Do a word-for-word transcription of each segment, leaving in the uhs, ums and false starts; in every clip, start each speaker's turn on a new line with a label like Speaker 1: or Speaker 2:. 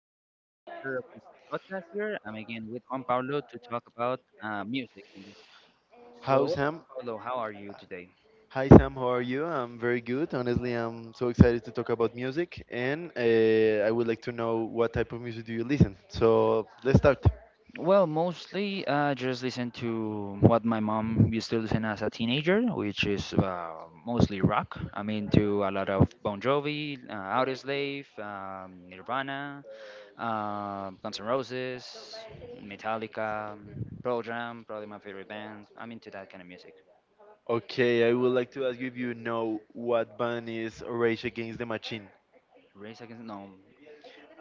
Speaker 1: to another chapter of this podcast here. I'm again with Juan Pablo to talk about uh, music in this.
Speaker 2: How
Speaker 1: So,
Speaker 2: Sam?
Speaker 1: Pablo, how are you today?
Speaker 2: Hi Sam, how are you? I'm very good. Honestly, I'm so excited to talk about music, and uh, I would like to know what type of music do you listen. So let's start.
Speaker 1: Well, mostly uh, just listen to what my mom used to listen as a teenager, which is uh, mostly rock. I'm into a lot of Bon Jovi, uh, Audioslave, um, Nirvana, uh, Guns N' Roses, Metallica, Pearl Jam, probably my favorite band. I'm into that kind of music.
Speaker 2: Okay, I would like to ask you if you know what band is Rage Against the Machine.
Speaker 1: Raise Against, no.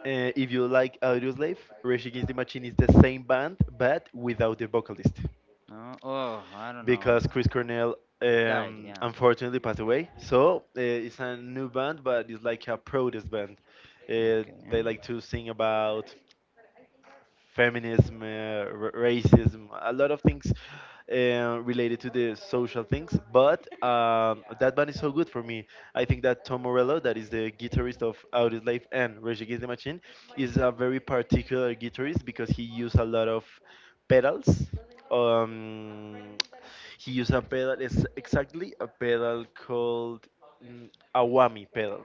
Speaker 2: Uh, if you like Audioslave, Rage Against the Machine is the same band but without the vocalist.
Speaker 1: No, oh, I don't know.
Speaker 2: Because Chris Cornell
Speaker 1: Died,
Speaker 2: um,
Speaker 1: yeah.
Speaker 2: unfortunately passed away. So uh, it's a new band, but it's like a protest band. Uh,
Speaker 1: Band.
Speaker 2: they
Speaker 1: Okay.
Speaker 2: like to sing about feminism, uh, r- racism, a lot of things uh, related to the social things. But um, that band is so good for me. I think that Tom Morello, that is the guitarist of Audioslave and Rage Against the Machine, is a very particular guitarist because he used a lot of pedals. Um, he used a pedal, it's exactly a pedal called mm, Awami pedal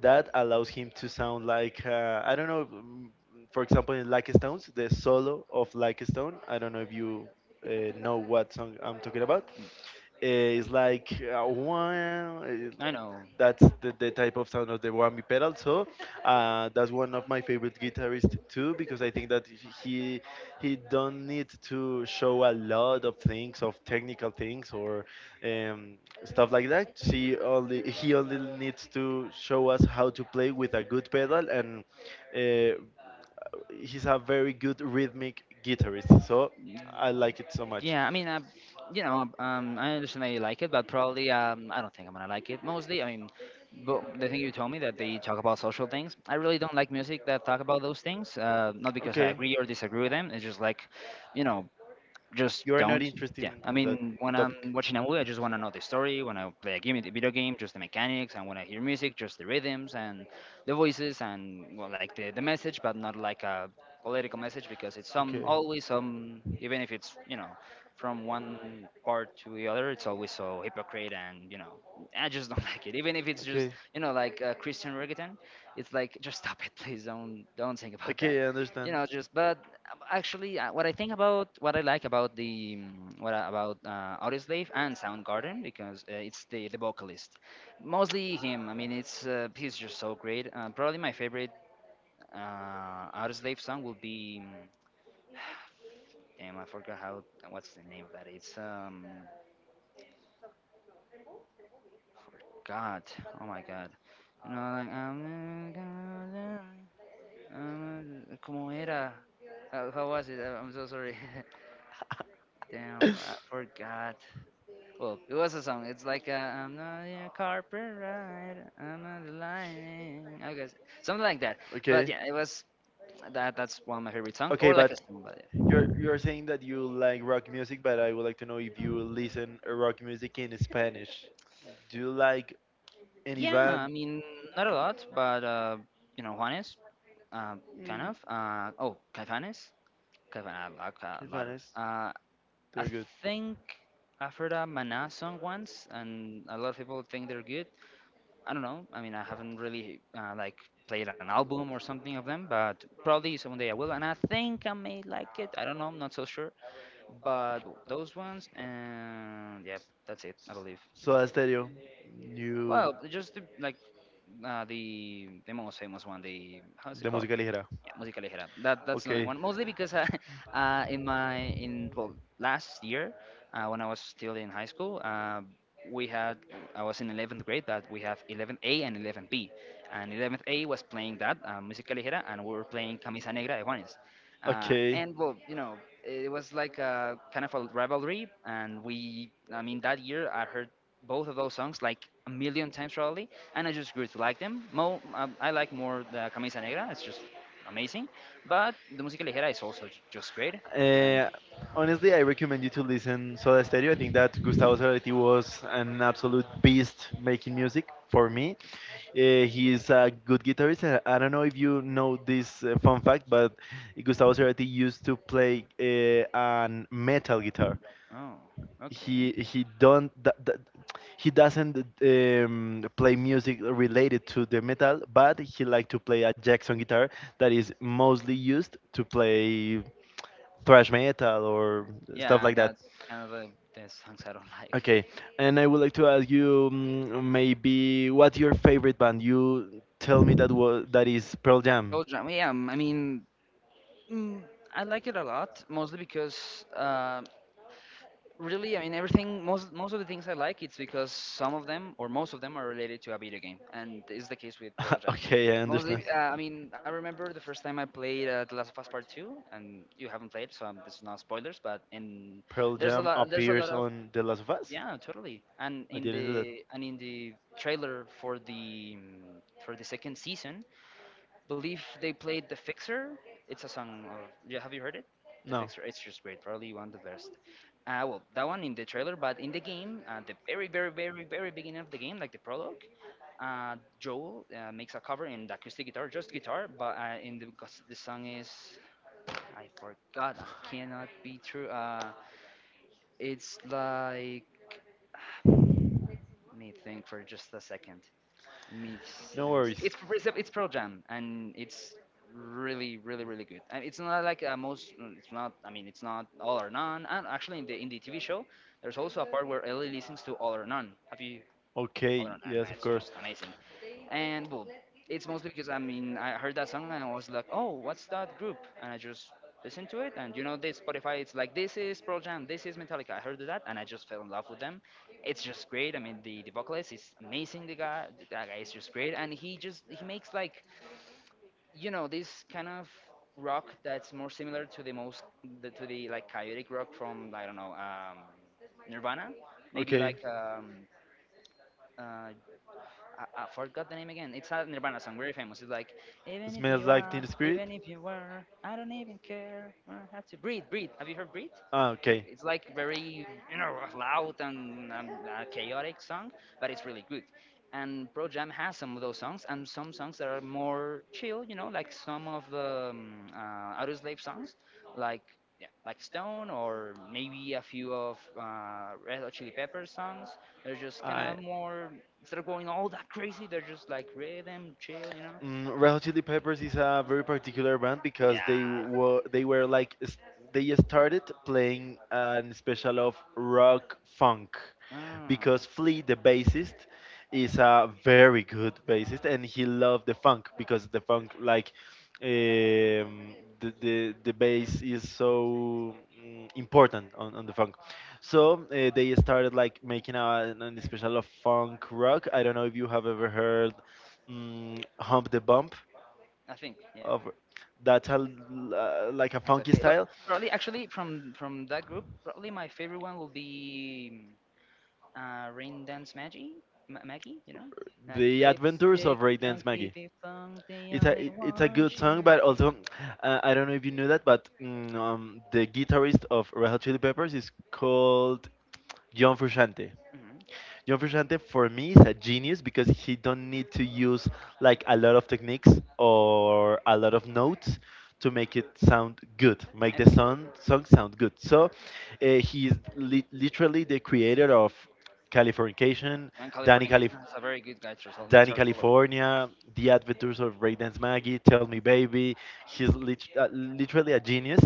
Speaker 2: that allows him to sound like uh, I don't know. mm, For example, in Like Stones, the solo of Like Stone. I don't know if you uh, know what song I'm talking about. Uh, it's like uh, one.
Speaker 1: I
Speaker 2: Eh,
Speaker 1: know.
Speaker 2: that's the, the type of sound of the whammy pedal. So uh, that's one of my favorite guitarists too, because I think that he he don't need to show a lot of things, of technical things or um, stuff like that. She only he only needs to show us how to play with a good pedal, and uh, he's a very good rhythmic guitarist. So I like it so much.
Speaker 1: Yeah, I mean, uh, you know, um, I understand that you like it, but probably um, I don't think I'm gonna like it mostly. I mean, but the thing you told me that they talk about social things, I really don't like music that talk about those things. Uh, not because I
Speaker 2: Okay,
Speaker 1: agree or disagree with them. It's just like, you know, just
Speaker 2: you are not
Speaker 1: don't.
Speaker 2: interested
Speaker 1: Yeah,
Speaker 2: in
Speaker 1: I
Speaker 2: that
Speaker 1: mean, when I'm
Speaker 2: topic.
Speaker 1: watching a movie, I just want to know the story. When I play a game, the video game, just the mechanics, and when I hear music, just the rhythms and the voices and well, like the, the message, but not like a political message because it's some
Speaker 2: Okay.
Speaker 1: always some even if it's you know from one part to the other, it's always so hypocrite and you know I just don't like it. Even if it's
Speaker 2: Okay.
Speaker 1: just you know like uh, Christian reggaeton, it's like just stop it, please don't don't think about that,
Speaker 2: Okay, I
Speaker 1: you
Speaker 2: understand.
Speaker 1: know. Just but um, actually, uh, what I think about what I like about the mm, what I- about uh, Audioslave and Soundgarden because uh, it's the the vocalist, mostly him. I mean, it's uh, he's just so great. Uh, probably my favorite uh, Audioslave song will be. Mm, damn, I forgot how. What's the name of that? It's um. Forgot. Oh my god. You know, like I'm. gonna- I'm gonna- Como era? How, how was it? Uh, I'm so sorry. Damn, I forgot. Well, it was a song. It's like i I'm not a carpet, I'm not lining. I guess something like that. But
Speaker 2: Okay.
Speaker 1: yeah, it was that. That's one of my favorite songs,
Speaker 2: Okay,
Speaker 1: or like a
Speaker 2: but
Speaker 1: song about it.
Speaker 2: you're you're saying that you like rock music, but I would like to know if you listen uh, rock music in Spanish. Do you like any
Speaker 1: Yeah, I
Speaker 2: band?
Speaker 1: mean, not a lot, but uh, you know, Juanes, uh, kind of. Uh, oh, Caifanes, Caifanes,
Speaker 2: ¿Qué
Speaker 1: a lot of.
Speaker 2: fans?
Speaker 1: Uh, I
Speaker 2: They're good.
Speaker 1: think I've heard a Mana song once, and a lot of people think they're good. I don't know. I mean, I haven't really uh, like played an album or something of them, but probably someday I will. And I think I may like it. I don't know. I'm not so sure. But those ones, and yeah, that's it. I believe.
Speaker 2: Soda Stereo. New
Speaker 1: Well, just the, like uh, the the most famous one. The how's
Speaker 2: de
Speaker 1: it called?
Speaker 2: música ligera.
Speaker 1: Yeah, música ligera. That that's another
Speaker 2: Okay.
Speaker 1: one. Mostly because I, uh, in my in well last year, uh, when I was still in high school, uh, we had I was in eleventh grade that we have eleven A and eleven B, and eleventh A was playing that uh, música ligera, and we were playing Camisa Negra de Juanes. Uh,
Speaker 2: Okay.
Speaker 1: and well, you know, it was like a, kind of a rivalry, and we, I mean, that year I heard both of those songs like a million times probably, and I just grew to like them. Mo, um, I like more the Camisa Negra. It's just amazing. But the música ligera is also j- just great. And
Speaker 2: Uh, Honestly, I recommend you to listen Soda Stereo. I think that Gustavo Cerati was an absolute beast making music for me. Uh, he is a good guitarist. And I don't know if you know this uh, fun fact, but Gustavo Cerati used to play uh, an metal guitar.
Speaker 1: oh,
Speaker 2: He
Speaker 1: okay,
Speaker 2: he don't th- th- he doesn't um, play music related to the metal, but he like to play a Jackson guitar that is mostly used to play thrash metal or stuff
Speaker 1: yeah,
Speaker 2: like that.
Speaker 1: that's kind of the, the songs I don't like.
Speaker 2: Okay, and I would like to ask you mm, maybe what's your favorite band? You tell me that was that is Pearl Jam.
Speaker 1: Jam, yeah, um, I mean, mm, I like it a lot, mostly because uh, really, I mean everything most most of the things I like it's because some of them or most of them are related to a video game and is the case with Pearl Jam,
Speaker 2: Okay, I understand.
Speaker 1: mostly uh, I mean I remember the first time I played uh, The Last of Us Part two, and you haven't played so um, this is not spoilers but in
Speaker 2: Pearl
Speaker 1: there's a
Speaker 2: Jam
Speaker 1: lot there's a
Speaker 2: appears
Speaker 1: lot of
Speaker 2: on The Last of Us?
Speaker 1: yeah totally and
Speaker 2: I
Speaker 1: in
Speaker 2: didn't know that.
Speaker 1: the and in the trailer for the mm, for the second season believe they played The Fixer. It's a song of. Yeah, have you heard it? The
Speaker 2: No,
Speaker 1: Fixer. It's just great. Probably one of the best. Uh, well, that one in the trailer, but in the game, at the very, very, very, very beginning of the game, like the prologue, uh, Joel uh, makes a cover in the acoustic guitar, just guitar, but uh, in the because the song is I forgot. I cannot be true. Uh, it's like. Let me think for just a second. Let let me
Speaker 2: no
Speaker 1: s-
Speaker 2: worries.
Speaker 1: It's it's it's Pearl Jam, and it's really really really good. And it's not like uh, most. It's not. I mean, it's not all or none. And actually, in the in the T V show, there's also a part where Ellie listens to all or none. Have you all or
Speaker 2: Okay,
Speaker 1: none? And
Speaker 2: yes, of
Speaker 1: that's
Speaker 2: course.
Speaker 1: just amazing. And well, it's mostly because I mean I heard that song and I was like, oh, what's that group? And I just listened to it, and you know, this Spotify, it's like this is Pearl Jam, this is Metallica. I heard that, and I just fell in love with them. It's just great. I mean, the the vocalist is amazing. The guy, that guy is just great, and he just he makes like you know this kind of rock that's more similar to the most the, to the like chaotic rock from I don't know um, Nirvana, maybe
Speaker 2: Okay,
Speaker 1: like um, uh, I, I forgot the name again. It's a Nirvana song, very famous. It's like, even if
Speaker 2: smells
Speaker 1: you
Speaker 2: like
Speaker 1: are,
Speaker 2: Teen Spirit.
Speaker 1: even if you were, I don't even care. I have to breathe, breathe. Have you heard breathe?
Speaker 2: Ah, okay.
Speaker 1: It's like very you know loud and, and uh, chaotic song, but it's really good. And Pro Jam has some of those songs and some songs that are more chill, you know, like some of the um, uh, Audio Slave songs, like yeah, like Stone, or maybe a few of uh, Red Hot Chili Peppers songs. They're just kind
Speaker 2: I
Speaker 1: of more instead of going all that crazy, they're just like rhythm, chill, you know.
Speaker 2: Mm, Red Hot Chili Peppers is a very particular band
Speaker 1: Yeah.
Speaker 2: because they were they were like s- they started playing an special of rock funk
Speaker 1: Mm,
Speaker 2: because Flea the bassist is a very good bassist and he loved the funk because the funk like um, the, the the bass is so mm, important on, on the funk. So uh, they started like making a, an special of funk rock. I don't know if you have ever heard mm, Hump the Bump
Speaker 1: I think, yeah,
Speaker 2: of that's a, l- uh, like a funky
Speaker 1: exactly. But
Speaker 2: style.
Speaker 1: probably, actually, from from that group, probably my favorite one will be mm, uh, Rain Dance Maggie, Ma- Maggie, you know, like
Speaker 2: The Adventures
Speaker 1: lipstick
Speaker 2: of Ray Dance
Speaker 1: junkie,
Speaker 2: Maggie,
Speaker 1: the funk, the
Speaker 2: it's a
Speaker 1: only
Speaker 2: it- it's a
Speaker 1: one
Speaker 2: good
Speaker 1: she.
Speaker 2: song but also uh, I don't know if you knew that but mm, um, the guitarist of Red Hot Chili Peppers is called John Frusciante.
Speaker 1: Mhm.
Speaker 2: John Frusciante for me is a genius because he don't need to use like a lot of techniques or a lot of notes to make it sound good, make the
Speaker 1: Excellent.
Speaker 2: song song sound good. So uh, he is li- literally the creator of Californication,
Speaker 1: And
Speaker 2: Danny Calif
Speaker 1: Californication has a very good guitar solo.
Speaker 2: Danny
Speaker 1: guitar solo.
Speaker 2: California, The Adventures of Raydance Maggie, Tell Me Baby. He's lit- uh, literally a genius.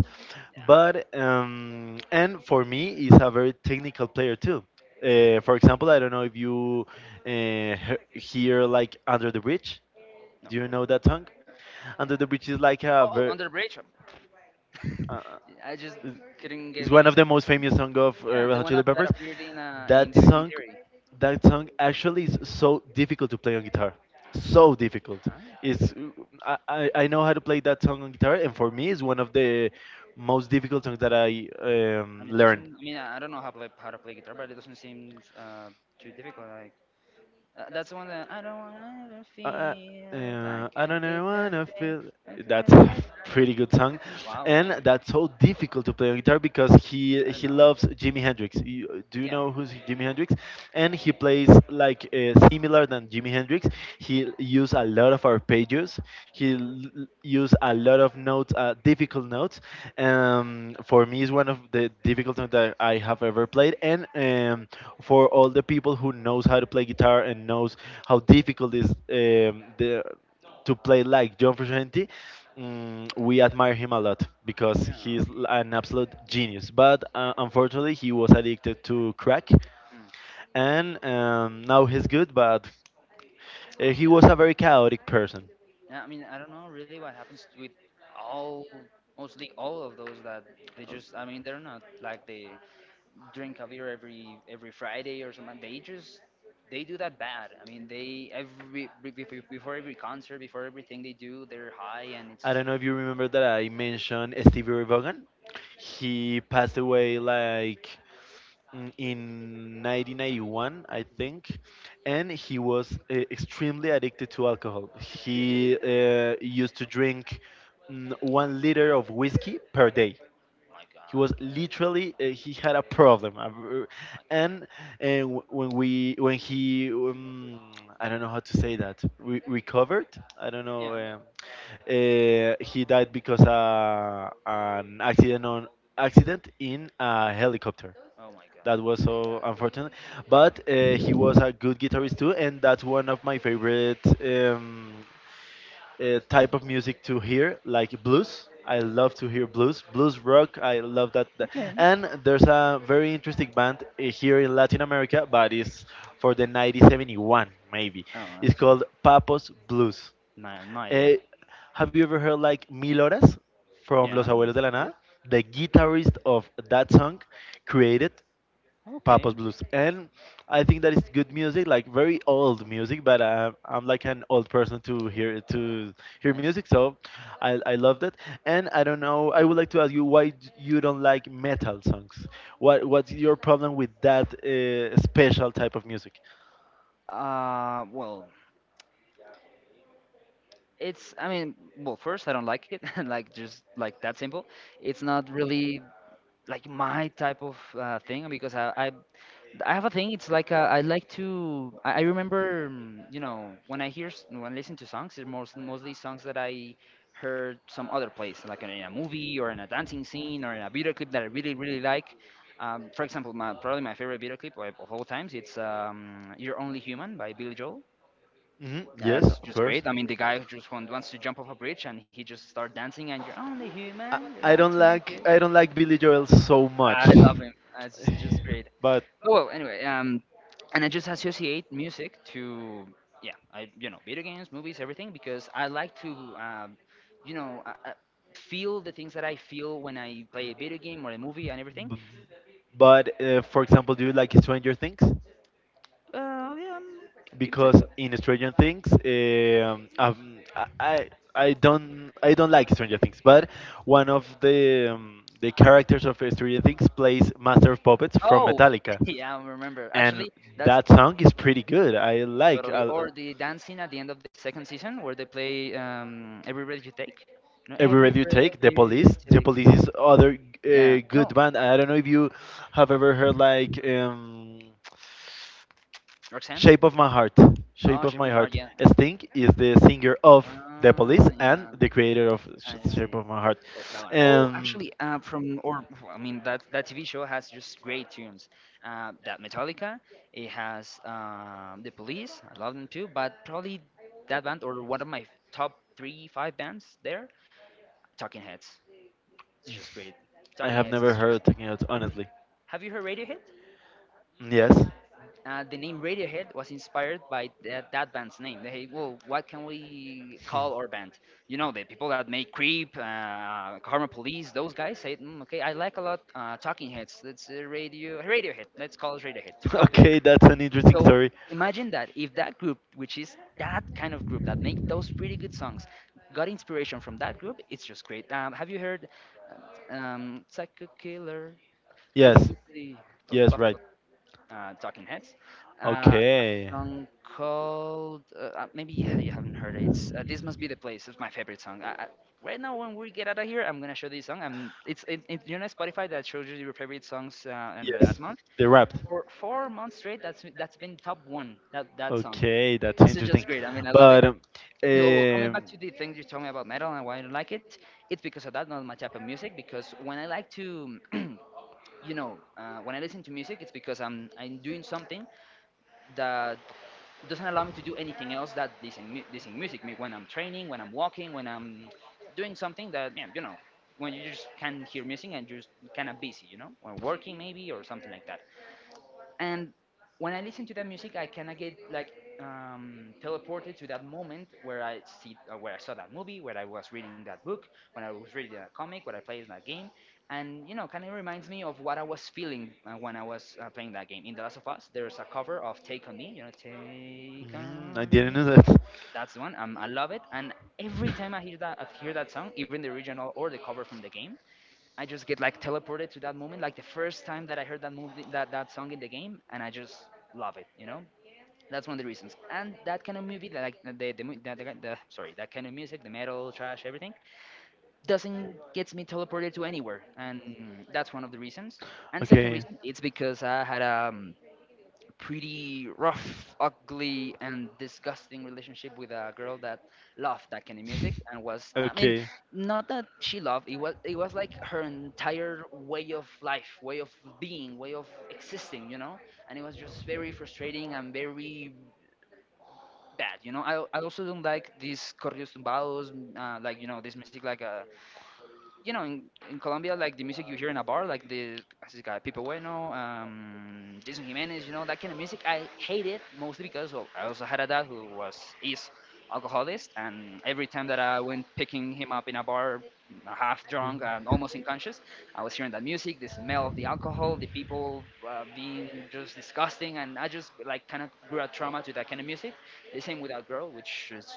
Speaker 1: Yeah.
Speaker 2: But, um, and for me, he's a very technical player too. Uh, for example, I don't know if you uh, he- hear like Under the Bridge.
Speaker 1: No.
Speaker 2: Do you know that song? Under the Bridge is like a
Speaker 1: Oh, oh,
Speaker 2: ver-
Speaker 1: under the bridge.
Speaker 2: uh,
Speaker 1: I just couldn't
Speaker 2: is
Speaker 1: get
Speaker 2: is
Speaker 1: what
Speaker 2: one
Speaker 1: you
Speaker 2: of the most famous song
Speaker 1: said.
Speaker 2: of uh,
Speaker 1: Yeah,
Speaker 2: Red
Speaker 1: the
Speaker 2: Hot
Speaker 1: one
Speaker 2: Chili
Speaker 1: up that
Speaker 2: Peppers.
Speaker 1: appeared in uh, in
Speaker 2: That
Speaker 1: The Big Bang
Speaker 2: song,
Speaker 1: Theory.
Speaker 2: that song actually is so difficult to play on guitar. So difficult.
Speaker 1: Huh?
Speaker 2: It's I, I I know how to play that song on guitar, and for me, it's one of the most difficult songs that I um,
Speaker 1: And it
Speaker 2: learned.
Speaker 1: doesn't. I mean, I I don't know how to play, how to play guitar, but it doesn't seem uh, too difficult. Like uh, that's the one that I don't wanna ever
Speaker 2: uh, uh,
Speaker 1: feel like
Speaker 2: uh, I
Speaker 1: I
Speaker 2: don't
Speaker 1: did
Speaker 2: know, I
Speaker 1: that
Speaker 2: don't
Speaker 1: day.
Speaker 2: feel.
Speaker 1: Back in that
Speaker 2: That's a
Speaker 1: place I lo-"
Speaker 2: pretty good song,
Speaker 1: Wow, I, mean,
Speaker 2: and that's so difficult to play on guitar because
Speaker 1: I
Speaker 2: he
Speaker 1: don't
Speaker 2: he
Speaker 1: know.
Speaker 2: loves Jimi Hendrix. You, do you
Speaker 1: Yeah,
Speaker 2: know who's Jimi Hendrix? And he plays like uh, similar than Jimi Hendrix. He use a lot of arpeggios. He l- use a lot of notes, uh, difficult notes, um, for me, it's one of the difficult things that I have ever played, and um, for all the people who knows how to play guitar and knows how difficult is um, the, to play like John Frusciante, um, we admire him a lot because
Speaker 1: yeah.
Speaker 2: he's l- an absolute genius. But uh, unfortunately, he was addicted to crack,
Speaker 1: Mm.
Speaker 2: and um, now he's good, but uh, he was a very chaotic person.
Speaker 1: Yeah, I mean, I don't know really what happens with all, mostly all of those that they just, I mean, they're not like the drink a beer every every Friday or something. They just they do that bad. I mean, they every be- be- before every concert, before everything they do, they're high and it's
Speaker 2: I don't know if you remember that I mentioned Stevie Ray Vaughan. He passed away like mm, in nineteen ninety-one, I think, and he was uh, extremely addicted to alcohol. He uh, used to drink mm, one liter of whiskey per day.
Speaker 1: my
Speaker 2: He
Speaker 1: god,
Speaker 2: was literally uh, he had a problem a v-
Speaker 1: my god,
Speaker 2: and uh, wh- when we when he um, I don't know how to say that re- recovered. I don't
Speaker 1: yeah,
Speaker 2: know, uh, uh, he died because uh, an accident on accident in a helicopter
Speaker 1: oh my god.
Speaker 2: that was so unfortunate. But uh, he was a good guitarist too and that's one of my favorite um, uh, type of music to hear, like blues. I love to hear blues, blues rock. I love that. that-
Speaker 1: Okay.
Speaker 2: And there's a very interesting band uh, here in Latin America, but it's for the nineteen seventy-one maybe.
Speaker 1: Oh, I
Speaker 2: It's
Speaker 1: see.
Speaker 2: called Papos Blues.
Speaker 1: No, no idea.
Speaker 2: Eh, have you ever heard like Mil Horas from
Speaker 1: Yeah,
Speaker 2: Los Abuelos de la
Speaker 1: of course.
Speaker 2: Nada? The guitarist of that song created Papa's
Speaker 1: Okay,
Speaker 2: Blues, and I think that it's good music, like very old music. But I'm, I'm like an old person to hear to hear
Speaker 1: nice.
Speaker 2: music, so I I loved it. And I don't know. I would like to ask you why d- you don't like metal songs. What what's your problem with that uh, special type of music?
Speaker 1: Uh, well, it's i mean well first I don't like it like just like that simple, it's not really like my type of uh, thing because I, I I have a thing it's like uh, I like to I, I remember mm, you know when i hear s- when I listen to songs it's most, mostly songs that I heard some other place like in a movie or in a dancing scene or in a video clip that I really really like um, for example my probably my favorite video clip of of all times it's um, you're only human by Billy Joel,
Speaker 2: Hmm.
Speaker 1: yeah,
Speaker 2: Yes,
Speaker 1: that's
Speaker 2: of
Speaker 1: just
Speaker 2: course.
Speaker 1: great. I mean, the guy who just want, wants to jump off a bridge and he just start dancing, and you're only
Speaker 2: I,
Speaker 1: human. You're
Speaker 2: I
Speaker 1: allowed
Speaker 2: don't
Speaker 1: to make
Speaker 2: like
Speaker 1: it.
Speaker 2: I don't like Billy Joel so
Speaker 1: I
Speaker 2: much,
Speaker 1: love him. That's just great.
Speaker 2: but
Speaker 1: But well, anyway, um, and I just associate music to yeah, I you know video games, movies, everything because I like to um, you know uh, uh, feel the things that I feel when I play a video game or a movie and everything.
Speaker 2: B- but uh, for example, do you like Stranger Things?
Speaker 1: Uh, yeah, um, you could say
Speaker 2: Because
Speaker 1: so.
Speaker 2: in Stranger Things, um, um, I I I don't I don't like Stranger Things, but one of the um, the characters of Stranger Things plays Master of Puppets from
Speaker 1: Oh,
Speaker 2: Metallica,
Speaker 1: yeah, I remember.
Speaker 2: and
Speaker 1: Actually, that's
Speaker 2: that song is pretty good. I like.
Speaker 1: totally.
Speaker 2: I,
Speaker 1: Or the dancing at the end of the second season where they play um, Every Breath You Take. You know,
Speaker 2: every
Speaker 1: Every
Speaker 2: radio
Speaker 1: Breath
Speaker 2: take the
Speaker 1: You
Speaker 2: police. The
Speaker 1: Take.
Speaker 2: police is other
Speaker 1: Yeah.
Speaker 2: uh,
Speaker 1: I
Speaker 2: good
Speaker 1: know.
Speaker 2: band. I don't know if you have ever heard like um
Speaker 1: Roxanne?
Speaker 2: Shape of My Heart. Shape
Speaker 1: Oh,
Speaker 2: of
Speaker 1: Shape of
Speaker 2: My
Speaker 1: My Heart,
Speaker 2: Heart.
Speaker 1: yeah.
Speaker 2: Sting is the singer of The
Speaker 1: Ah,
Speaker 2: Police and
Speaker 1: yeah,
Speaker 2: the creator of Sh-
Speaker 1: I see.
Speaker 2: Shape of My Heart.
Speaker 1: Oh, that one. Oh,
Speaker 2: And
Speaker 1: actually, uh, from or I mean that that T V show has just great tunes. Uh, that Metallica, it has um, the Police. I love them too, but probably that band or one of my top three, five bands there, Talking Heads. It's just great.
Speaker 2: I
Speaker 1: Talking
Speaker 2: have
Speaker 1: Heads.
Speaker 2: never heard Talking Heads,
Speaker 1: You
Speaker 2: honestly.
Speaker 1: have you heard Radiohead?
Speaker 2: Yes.
Speaker 1: Uh, the name Radiohead was inspired by that, that band's name. They, well, what can we
Speaker 2: Hmm.
Speaker 1: call our band? You know, the people that make Creep, uh, Karma Police, those guys said, mm, okay, I like a lot uh, Talking Heads. Let's uh, radio Radiohead. Let's call it Radiohead to copy them.
Speaker 2: Okay, that's an interesting
Speaker 1: So
Speaker 2: story.
Speaker 1: imagine that if that group, which is that kind of group that make those pretty good songs, got inspiration from that group, it's just great. Um, have you heard um, Psycho Killer? Kiss
Speaker 2: Yes.
Speaker 1: Kiss See.
Speaker 2: Yes, right.
Speaker 1: uh, Talking Heads. Uh, a
Speaker 2: Okay.
Speaker 1: song called uh, uh, maybe you ha- you haven't heard it. It's, uh, this must be the place. It's my favorite song. I, I, right now, when we get out of here, I'm gonna show this song. I'm it's it, it, you know Spotify that shows you your favorite songs uh, in the
Speaker 2: Yes.
Speaker 1: last month
Speaker 2: The rap.
Speaker 1: for four months straight. That's that's been top one. That that song.
Speaker 2: Okay, that's
Speaker 1: It's
Speaker 2: interesting.
Speaker 1: just great. I mean, I love it.
Speaker 2: But um,
Speaker 1: So, well, coming
Speaker 2: um,
Speaker 1: back to the thing you told me about metal and why I don't like it, it's because of that, not my type of music. Because when I like to you know, uh, when I listen to music, it's because I'm I'm doing something that doesn't allow me to do anything else that listen mu- listen music. Me- When I'm training, when I'm walking, when I'm doing something that yeah, you know, when you just can hear music and just kind of busy, you know, or working maybe or something like that, and when I listen to that music, I kind of get like um, teleported to that moment where i see uh, where i saw that movie, where I was reading that book, when I was reading that comic, where I played that game, and you know, kind of reminds me of what I was feeling uh, when I was uh, playing that game. In The Last of Us there's a cover of Take On Me. You know, take
Speaker 2: mm, I
Speaker 1: on
Speaker 2: didn't
Speaker 1: me
Speaker 2: know that.
Speaker 1: that's the one. um, I love it, and every time i hear that I hear that song, even the original or the cover from the game, I just get like teleported to that moment, like the first time that I heard that movie, that that song in the game, and I just love it. You know, that's one of the reasons. And that kind of movie, that like the the, mu- the, the, the sorry, that kind of music, the metal, trash, everything, doesn't gets me teleported to anywhere, and that's one of the reasons. And second
Speaker 2: Okay.
Speaker 1: reason, it's because I had a pretty rough, ugly, and disgusting relationship with a girl that loved that kind of music and was, I mean,
Speaker 2: Okay.
Speaker 1: not that she loved it, was it was like her entire way of life, way of being, way of existing, you know, and it was just very frustrating and very bad, you know. I I also don't like these corridos tumbados, uh, like you know this music like a you know, in, in Colombia, like the music you hear in a bar, like the as this guy Pipo Bueno, um, Jason Jimenez, you know, that kind of music. I hate it mostly because, well, I also had a dad who was is alcoholic, and every time that I went picking him up in a bar, half drunk and almost unconscious, I was hearing that music, the smell of the alcohol, the people uh, being just disgusting, and I just like kind of grew a trauma to that kind of music. The same with that girl, which is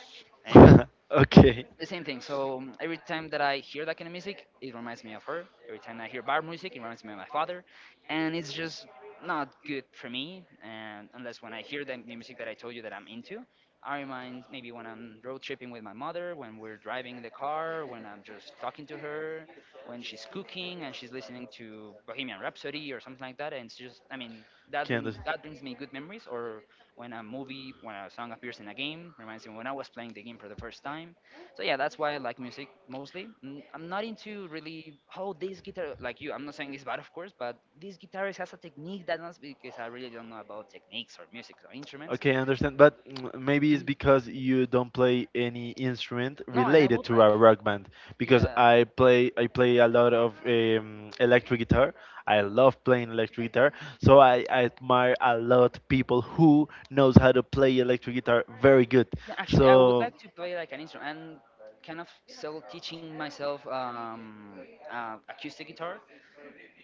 Speaker 1: anyway
Speaker 2: Okay. the
Speaker 1: the same thing. So um, every time that I hear that kind of music, it reminds me of her. Every time I hear bar music, it reminds me of my father, and it's just not good for me. And unless when I hear the the music that I told you that I'm into, I remind maybe when I'm road tripping with my mother, when we're driving the car, when I'm just talking to her, when she's cooking and she's listening to Bohemian Rhapsody or something like that. And it's just, I mean, that
Speaker 2: Can't
Speaker 1: bring,
Speaker 2: this?
Speaker 1: that brings me good memories. Or when a movie, when a song appears in a game, reminds me when I was playing the game for the first time. So yeah, that's why I like music mostly. Mm, I'm not into really how this guitar like you. I'm not saying this bad, of course, but this guitarist has a technique that not because I really don't know about techniques or music or instruments.
Speaker 2: Okay, I understand. But mm, maybe it's
Speaker 1: Mhm.
Speaker 2: because you don't play any instrument
Speaker 1: No, and I
Speaker 2: related
Speaker 1: would
Speaker 2: to a
Speaker 1: like,
Speaker 2: rock band. Because
Speaker 1: yeah,
Speaker 2: I play, I play a lot of um, electric guitar. I love playing electric guitar. So I, I admire a lot people who knows how to play electric guitar very good.
Speaker 1: yeah. Actually, I would
Speaker 2: So
Speaker 1: like to play like an instrument and kind of self teaching myself um, uh, acoustic guitar.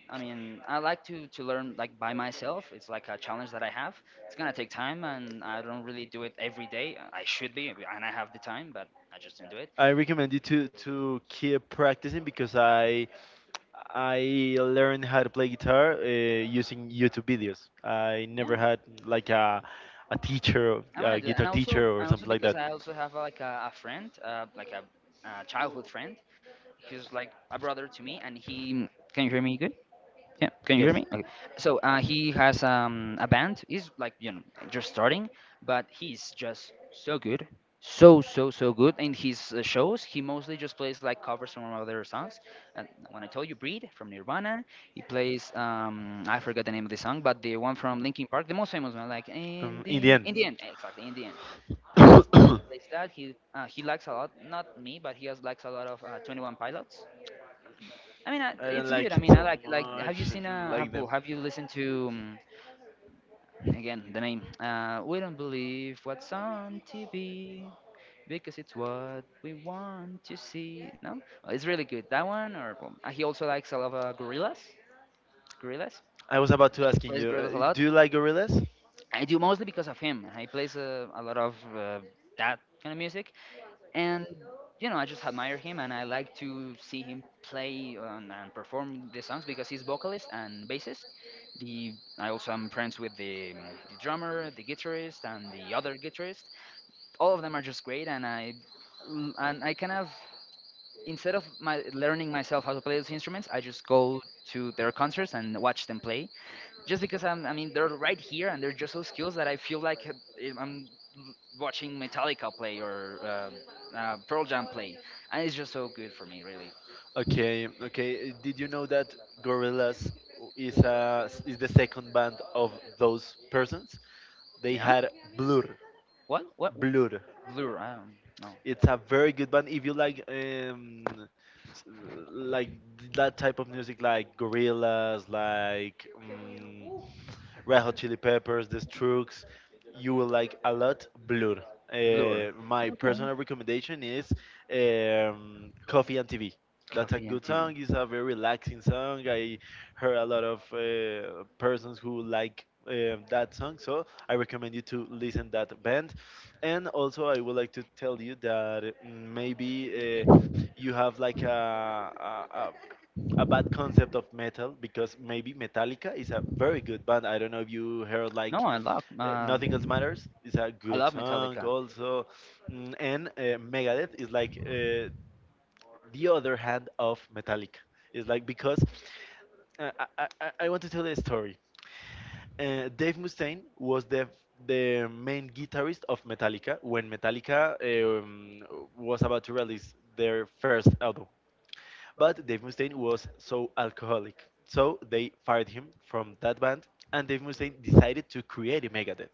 Speaker 1: I mean, I like to to learn like by myself. It's like a challenge that I have. It's gonna take time, and I don't really do it every day. I should be, and I have the time, but I just don't do it.
Speaker 2: I recommend you to to keep practicing because I I learned how to play guitar uh, using YouTube videos. I
Speaker 1: Yeah,
Speaker 2: never had like a a teacher,
Speaker 1: I want
Speaker 2: a
Speaker 1: to do that.
Speaker 2: guitar
Speaker 1: And also,
Speaker 2: teacher or
Speaker 1: and also
Speaker 2: something like
Speaker 1: because
Speaker 2: that.
Speaker 1: I also have uh, like a, a friend, uh, like a, uh childhood friend. He's like a brother to me, and he. Can you hear me good? Yeah, can you hear
Speaker 2: Yes.
Speaker 1: me? Okay. Okay. So uh, he has um, a band. He's like you know just starting, but he's just so good, so so so good in his uh, shows. He mostly just plays like covers from other songs. And when I told you "Breed" from Nirvana, he plays um, I forgot the name of the song, but the one from Linkin Park, the most famous one, like in
Speaker 2: Um, in the
Speaker 1: the
Speaker 2: end.
Speaker 1: in the end, exactly in the end. And that's
Speaker 2: I
Speaker 1: he plays that. He uh, he likes a lot, not me, but he has likes a lot of uh, Twenty One Pilots. I mean, I,
Speaker 2: don't
Speaker 1: it's good.
Speaker 2: like
Speaker 1: I
Speaker 2: it
Speaker 1: mean, I
Speaker 2: so
Speaker 1: like like. Have
Speaker 2: much.
Speaker 1: you
Speaker 2: I
Speaker 1: seen
Speaker 2: don't
Speaker 1: a?
Speaker 2: like
Speaker 1: Have,
Speaker 2: them.
Speaker 1: well, have you listened to um, again the name? Uh, we don't believe what's on T V because it's what we want to see. No, well, it's really good. That one, or well, uh, he also likes a lot of uh, gorillas. Gorillas.
Speaker 2: I was about to
Speaker 1: He
Speaker 2: asking
Speaker 1: plays
Speaker 2: you,
Speaker 1: gorillas a
Speaker 2: uh,
Speaker 1: lot.
Speaker 2: do you like gorillas?
Speaker 1: I do mostly because of him. He plays uh, a lot of uh, that kind of music. And you know, I just admire him and I like to see him play and, and perform the songs because he's vocalist and bassist. The I also am friends with the, um, the drummer, the guitarist, and the other guitarist. All of them are just great, and i l- and I kind of, instead of my learning myself how to play those instruments, I just go to their concerts and watch them play, just because I'm, I mean, they're right here and they're just so skills that I feel like uh, eh, I'm l- watching Metallica play or uh, uh, Pearl Jam play, and it's just so good for me, really.
Speaker 2: Okay, okay. Did you know that Gorillaz is a is the second band of those persons? They
Speaker 1: Yeah?
Speaker 2: had Blur.
Speaker 1: What? What?
Speaker 2: Blur.
Speaker 1: Blur? I don't know.
Speaker 2: It's a very good band. If you like um s- like that type of music, like Gorillaz, like mm Red Hot Chili Peppers, The Strokes. You will like a lot Blur.
Speaker 1: Blur.
Speaker 2: Uh, my personal recommendation is um, Coffee and T V. That's a
Speaker 1: Coffee
Speaker 2: good
Speaker 1: and
Speaker 2: song.
Speaker 1: T V.
Speaker 2: It's a very relaxing song. I heard a lot of uh, persons who like um that song, so I recommend you to listen that band. And also, I would like to tell you that uh, maybe uh, you have like a, a, a a bad concept of metal because maybe Metallica is a very good band. I don't know if you heard like
Speaker 1: No, I love.
Speaker 2: uh,
Speaker 1: Uh,
Speaker 2: Nothing Else Matters is a
Speaker 1: I
Speaker 2: good
Speaker 1: love
Speaker 2: song
Speaker 1: Metallica.
Speaker 2: also. Mm, and uh, Megadeth is like uh, the other hand of Metallica. It's like because uh, I, I, I I want to tell a story. Uh, Dave Mustaine was the the main guitarist of Metallica when Metallica um, was about to release their first album. But Dave Mustaine was so alcoholic, so they fired him from that band, and Dave Mustaine decided to create a Megadeth.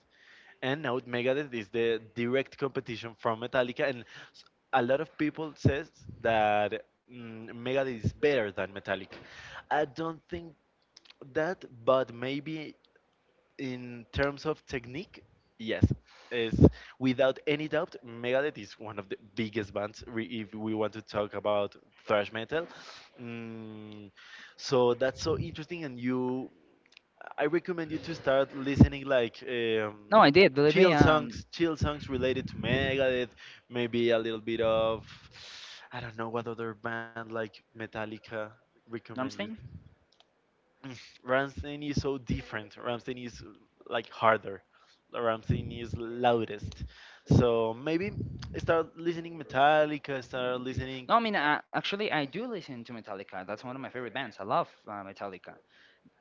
Speaker 2: And now Megadeth is the direct competition from Metallica, and s- a lot of people says that mm, Megadeth is better than Metallica. I don't think that, but maybe in terms of technique, yes, is without any doubt, Megadeth is one of the biggest bands re- if we want to talk about thrash metal. Mm, so that's so interesting, and you, I recommend you to start listening like um,
Speaker 1: No, I did. Believe me.
Speaker 2: chill
Speaker 1: Um,
Speaker 2: songs, chill songs related to Megadeth, maybe a little bit of, I don't know what other band like Metallica recommend.
Speaker 1: Rammstein.
Speaker 2: Ramstein is so different. Ramstein is like harder. Ramstein is loudest. So maybe start listening Metallica, start
Speaker 1: Okay.
Speaker 2: listening.
Speaker 1: No, I mean, uh, actually, I do listen to Metallica. That's one of my favorite bands. I love uh, Metallica,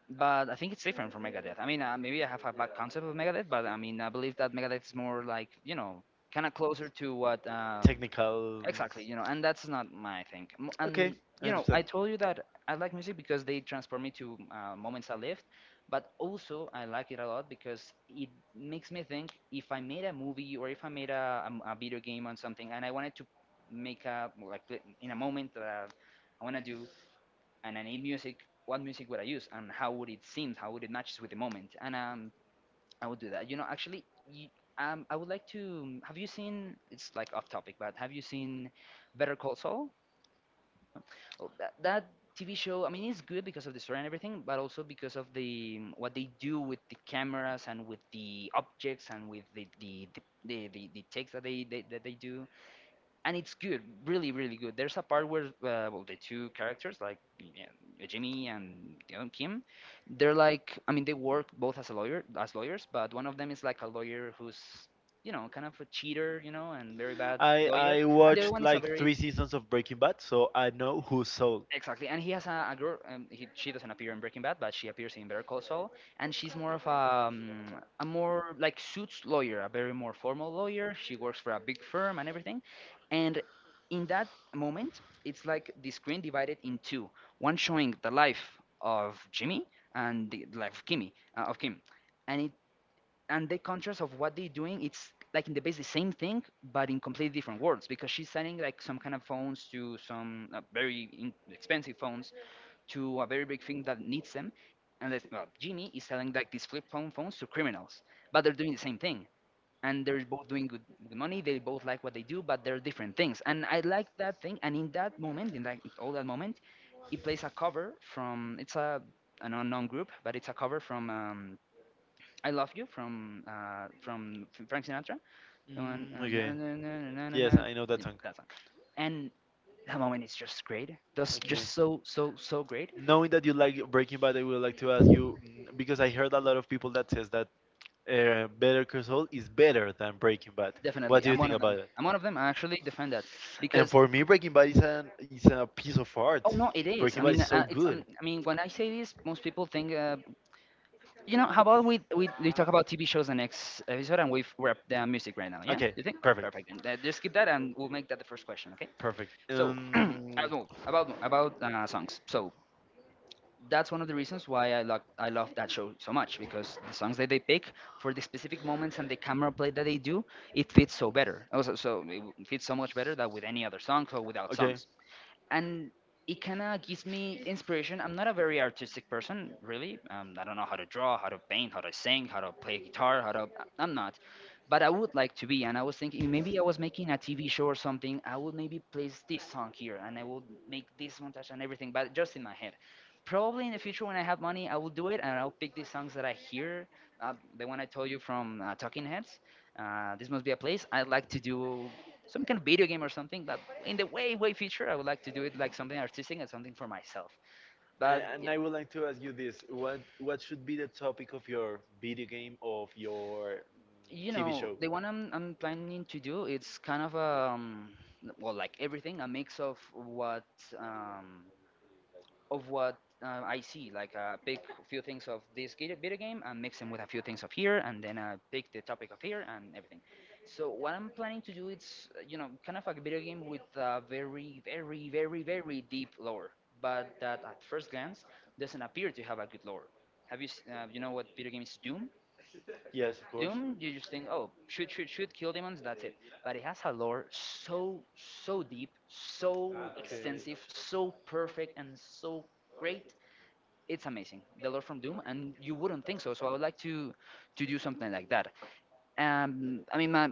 Speaker 1: but I think it's different from Megadeth. I mean, uh, maybe I have a bad concept of Megadeth, but I mean, I believe that Megadeth is more like you know, kind of closer to what um,
Speaker 2: Technical.
Speaker 1: exactly, you know, and that's not my thing. M-
Speaker 2: Okay,
Speaker 1: And
Speaker 2: I
Speaker 1: you know,
Speaker 2: understand.
Speaker 1: I told you that I like music because they transport me to uh, moments I lived, but also I like it a lot because it makes me think if I made a movie or if I made a, a m- a video game on something and I wanted to make a like play- in a moment that I, I want to do, and I need music, what music would I use, and how would it seem? How would it match with the moment? And um, I would do that. You know, actually, y um, I would like to. um, Have you seen? It's like off topic, but have you seen Better Call Saul? Well, that that T V show. I mean, it's good because of the story and everything, but also because of the um, what they do with the cameras and with the objects and with the the the the, the, the takes that they, they that they do, and it's good, really, really good. There's a part where, uh, well, the two characters, like yeah, Jimmy and the other Kim, they're like, I mean, they work both as a lawyer, as lawyers, but one of them is like a lawyer who's, you know, kind of a cheater, you know, and very bad
Speaker 2: uh, I
Speaker 1: lawyer,
Speaker 2: I
Speaker 1: and the other
Speaker 2: watched
Speaker 1: one is a
Speaker 2: like
Speaker 1: very.
Speaker 2: three seasons of Breaking Bad, so I know who's Saul. Yeah,
Speaker 1: Exactly, and he has a, a girl. Um, he, she doesn't appear in Breaking Bad, but she appears in Better Call Saul, and she's more of a, um, a more like suits lawyer, a very more formal lawyer. She works for a big firm and everything, and in that moment, it's like the screen divided in two. One showing the life of Jimmy and the life of Kimmy, uh, of Kim, and and the contrast of what they're doing, it's like in the base the same thing, but in completely different worlds, because she's selling like some kind of phones to some uh, very in- expensive phones to a very big thing that needs them. And that's, well, Jimmy is selling like these flip phone phones to criminals, but they're doing the same thing, and they're both doing good, good money. They both like what they do, but they're different things, and I like that thing. And in that moment, in like all that moment, it plays a cover from it's a an unknown group, but it's a cover from um, I Love You from uh, from F- Frank Sinatra. The one, uh,
Speaker 2: mm,
Speaker 1: na,
Speaker 2: okay.
Speaker 1: na, na, na, na, na.
Speaker 2: Yes, I know
Speaker 1: You
Speaker 2: that
Speaker 1: know
Speaker 2: song.
Speaker 1: that song, and that moment is just great. That's
Speaker 2: Okay.
Speaker 1: just so so so great.
Speaker 2: Knowing that you like Breaking Bad, I would like to ask you mm, because I heard a lot of people that says that uh, Better Call Saul is better than Breaking Bad. What
Speaker 1: Definitely,
Speaker 2: do you
Speaker 1: I'm one
Speaker 2: think
Speaker 1: of them.
Speaker 2: about it?
Speaker 1: I'm one of them. I actually defend that
Speaker 2: And
Speaker 1: because
Speaker 2: for me, Breaking Bad is an is a piece of art.
Speaker 1: Oh no, it is.
Speaker 2: Breaking
Speaker 1: I
Speaker 2: Bad
Speaker 1: mean,
Speaker 2: is so
Speaker 1: uh, it's um,
Speaker 2: good.
Speaker 1: I mean, when I say this, most people think. Uh, you know, how about we we, we talk about T V shows the next episode, and we wrap the music right now? Yeah,
Speaker 2: Okay,
Speaker 1: you think? Okay,
Speaker 2: perfect.
Speaker 1: perfect. And uh, just skip that, and we'll make that the first question. Okay.
Speaker 2: Perfect.
Speaker 1: So
Speaker 2: Um,
Speaker 1: about about about uh, songs. So that's one of the reasons why I love I love that show so much, because the songs that they pick for the specific moments and the camera play that they do, it fits so better. Also, so it w- fits so much better than with any other song or without
Speaker 2: okay.
Speaker 1: songs, and it kind of gives me inspiration. I'm not a very artistic person, really. Um, I don't know how to draw, how to paint, how to sing, how to play guitar, how to. I'm not. But I would like to be, and I was thinking, maybe I was making a T V show or something. I would maybe place this song here, and I would make this montage and everything, but just in my head. Probably in the future, when I have money, I will do it, and I'll pick these songs that I hear. Uh, the one I told you from uh, Talking Heads. Uh, this must be a place I'd like to do some kind of video game or something. But in the way way future, I would like to do it like something artistic and something for myself.
Speaker 2: A-
Speaker 1: But
Speaker 2: And
Speaker 1: yeah,
Speaker 2: I would like to ask you this: what what should be the topic of your video game of your mm,
Speaker 1: you
Speaker 2: T V
Speaker 1: know,
Speaker 2: show?
Speaker 1: the one I'm I'm planning to do, it's kind of um well, like everything, a mix of what um of what uh, I see. Like uh, pick a few things of this gi- video game and mix them with a few things of here, and then uh, pick the topic of here and everything. So what I'm planning to do is, uh, you know, kind of like a video game with a very, very, very, very deep lore, but that at first glance doesn't appear to have a good lore. Have you, s- uh, you know what video game is Doom?
Speaker 2: Yes, of course.
Speaker 1: Doom, you just think, oh, shoot, shoot, shoot, kill demons, that's it. But it has a lore so, so deep, so
Speaker 2: Okay.
Speaker 1: extensive, so perfect, and so great. It's amazing, the lord from Doom, and you wouldn't think so. So I would like to to do something like that. um I mean, my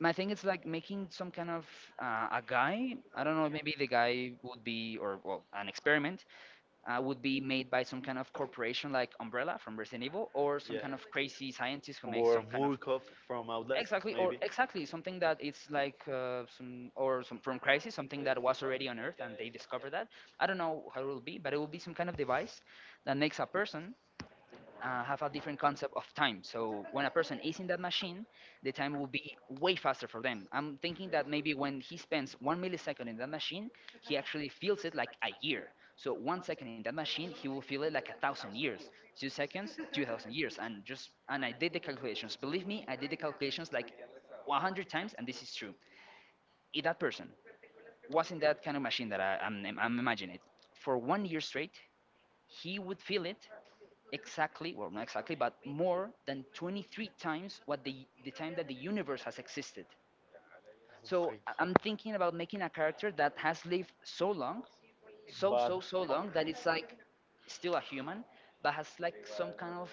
Speaker 1: my thing is like making some kind of uh, a guy, I don't know, maybe the guy would be, or well, an experiment uh, would be made by some kind of corporation like Umbrella from Resident Evil, or some
Speaker 2: Yeah.
Speaker 1: kind of crazy scientist who makes
Speaker 2: Or
Speaker 1: some kind of.
Speaker 2: Murkov from Outlast,
Speaker 1: Exactly, or
Speaker 2: maybe.
Speaker 1: exactly something that it's like uh, some or some from crisis, something that was already on earth, and they discovered that. I don't know how it will be, but it will be some kind of device that makes a person uh, have a different concept of time. So when a person is in that machine, the time will be way faster for them. I'm thinking that maybe when he spends one millisecond in that machine, he actually feels it like a year. So one second in that machine, he will feel it like a thousand years. Two seconds, two thousand years, and just and I did the calculations. Believe me, I did the calculations like one hundred times, and this is true. If that person was in that kind of machine that I, I'm, I'm imagining it, for one year straight, he would feel it exactly, well, not exactly, but more than twenty-three times what the, the time that the universe has existed.
Speaker 2: Oh my
Speaker 1: So I-
Speaker 2: god.
Speaker 1: I'm thinking about making a character that has lived so long, so
Speaker 2: But-
Speaker 1: so so long, that it's like still a human but has like some kind of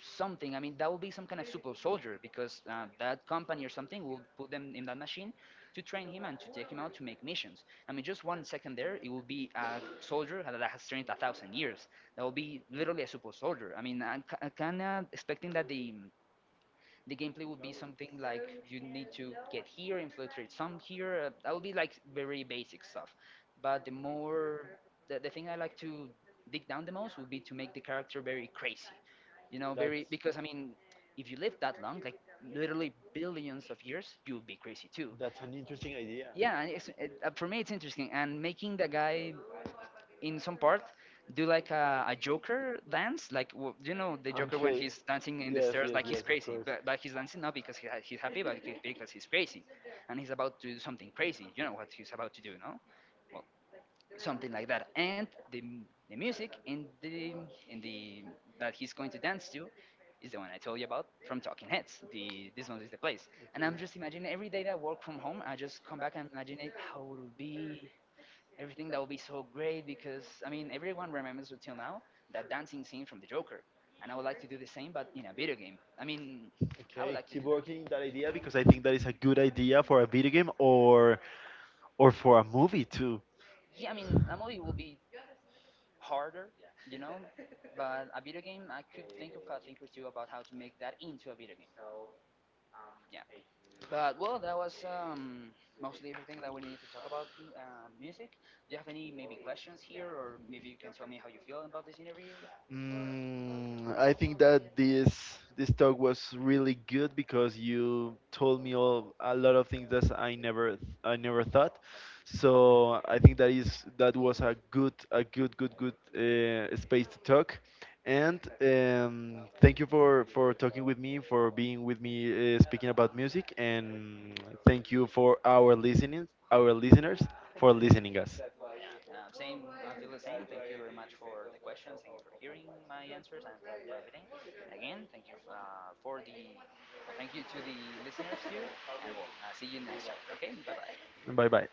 Speaker 1: something. I mean, that will be some kind of super soldier, because uh, that company or something will put them in that machine to train him and to take him out to make missions. I mean, just one second there, it will be a soldier that has trained a thousand years. That will be literally a super soldier. I mean, I'm kind of expecting that the the gameplay would be something like, you need to get here, infiltrate some here. Uh, that would be like very basic stuff. But the more the, the thing I like to dig down the most would be to make the character very crazy. You know, very,
Speaker 2: That's-
Speaker 1: because I mean, if you live that long, like literally billions of years, you would be crazy too.
Speaker 2: That's an interesting idea.
Speaker 1: Yeah, and it's, it, uh, for me it's interesting. And making the guy in some part do like a, a Joker dance, like w- you know the Joker when he's dancing in the stairs, like he's crazy, but, but, he's dancing, not because he, ha- he's happy, but because because he's crazy, and he's about to do something crazy. You know what he's about to do, no? Well, something like that. And the m- the music in the in the that he's going to dance to, is the one I told you about from Talking Heads. The this one is the place. And
Speaker 2: Okay.
Speaker 1: I'm just imagining every day that I work from home, I just come back and imagine it, how it will be, everything that would be so great, because I mean, everyone remembers until now that dancing scene from the Joker, and I would like to do the same but in a video game. I mean, I would
Speaker 2: Okay,
Speaker 1: like to do
Speaker 2: keep
Speaker 1: that.
Speaker 2: working that idea because I think that is a good idea for a video game or or for a movie too.
Speaker 1: Yeah, I mean a movie will be harder, you know, but a video game, I could think of a thing or two about how to make that into a video game. Yeah, but well, that was um, mostly everything that we needed to talk about uh, music. Do you have any maybe questions here, or maybe you can tell me how you feel about this interview?
Speaker 2: Mm, I think that this this talk was really good because you told me all, a lot of things that I never th- I never thought. So I think that is that was a good a good good good uh, space to talk. And um, thank you for for talking with me, for being with me, uh, speaking about music, and thank you for our listening our listeners for listening us.
Speaker 1: Uh, same, I feel the same. Thank you very much for the questions. Thank you for hearing my answers, and thank you for everything. Again, thank you uh, for the well, thank you to the listeners too, and we'll uh, see you next chapter. Okay, bye bye.
Speaker 2: Bye bye.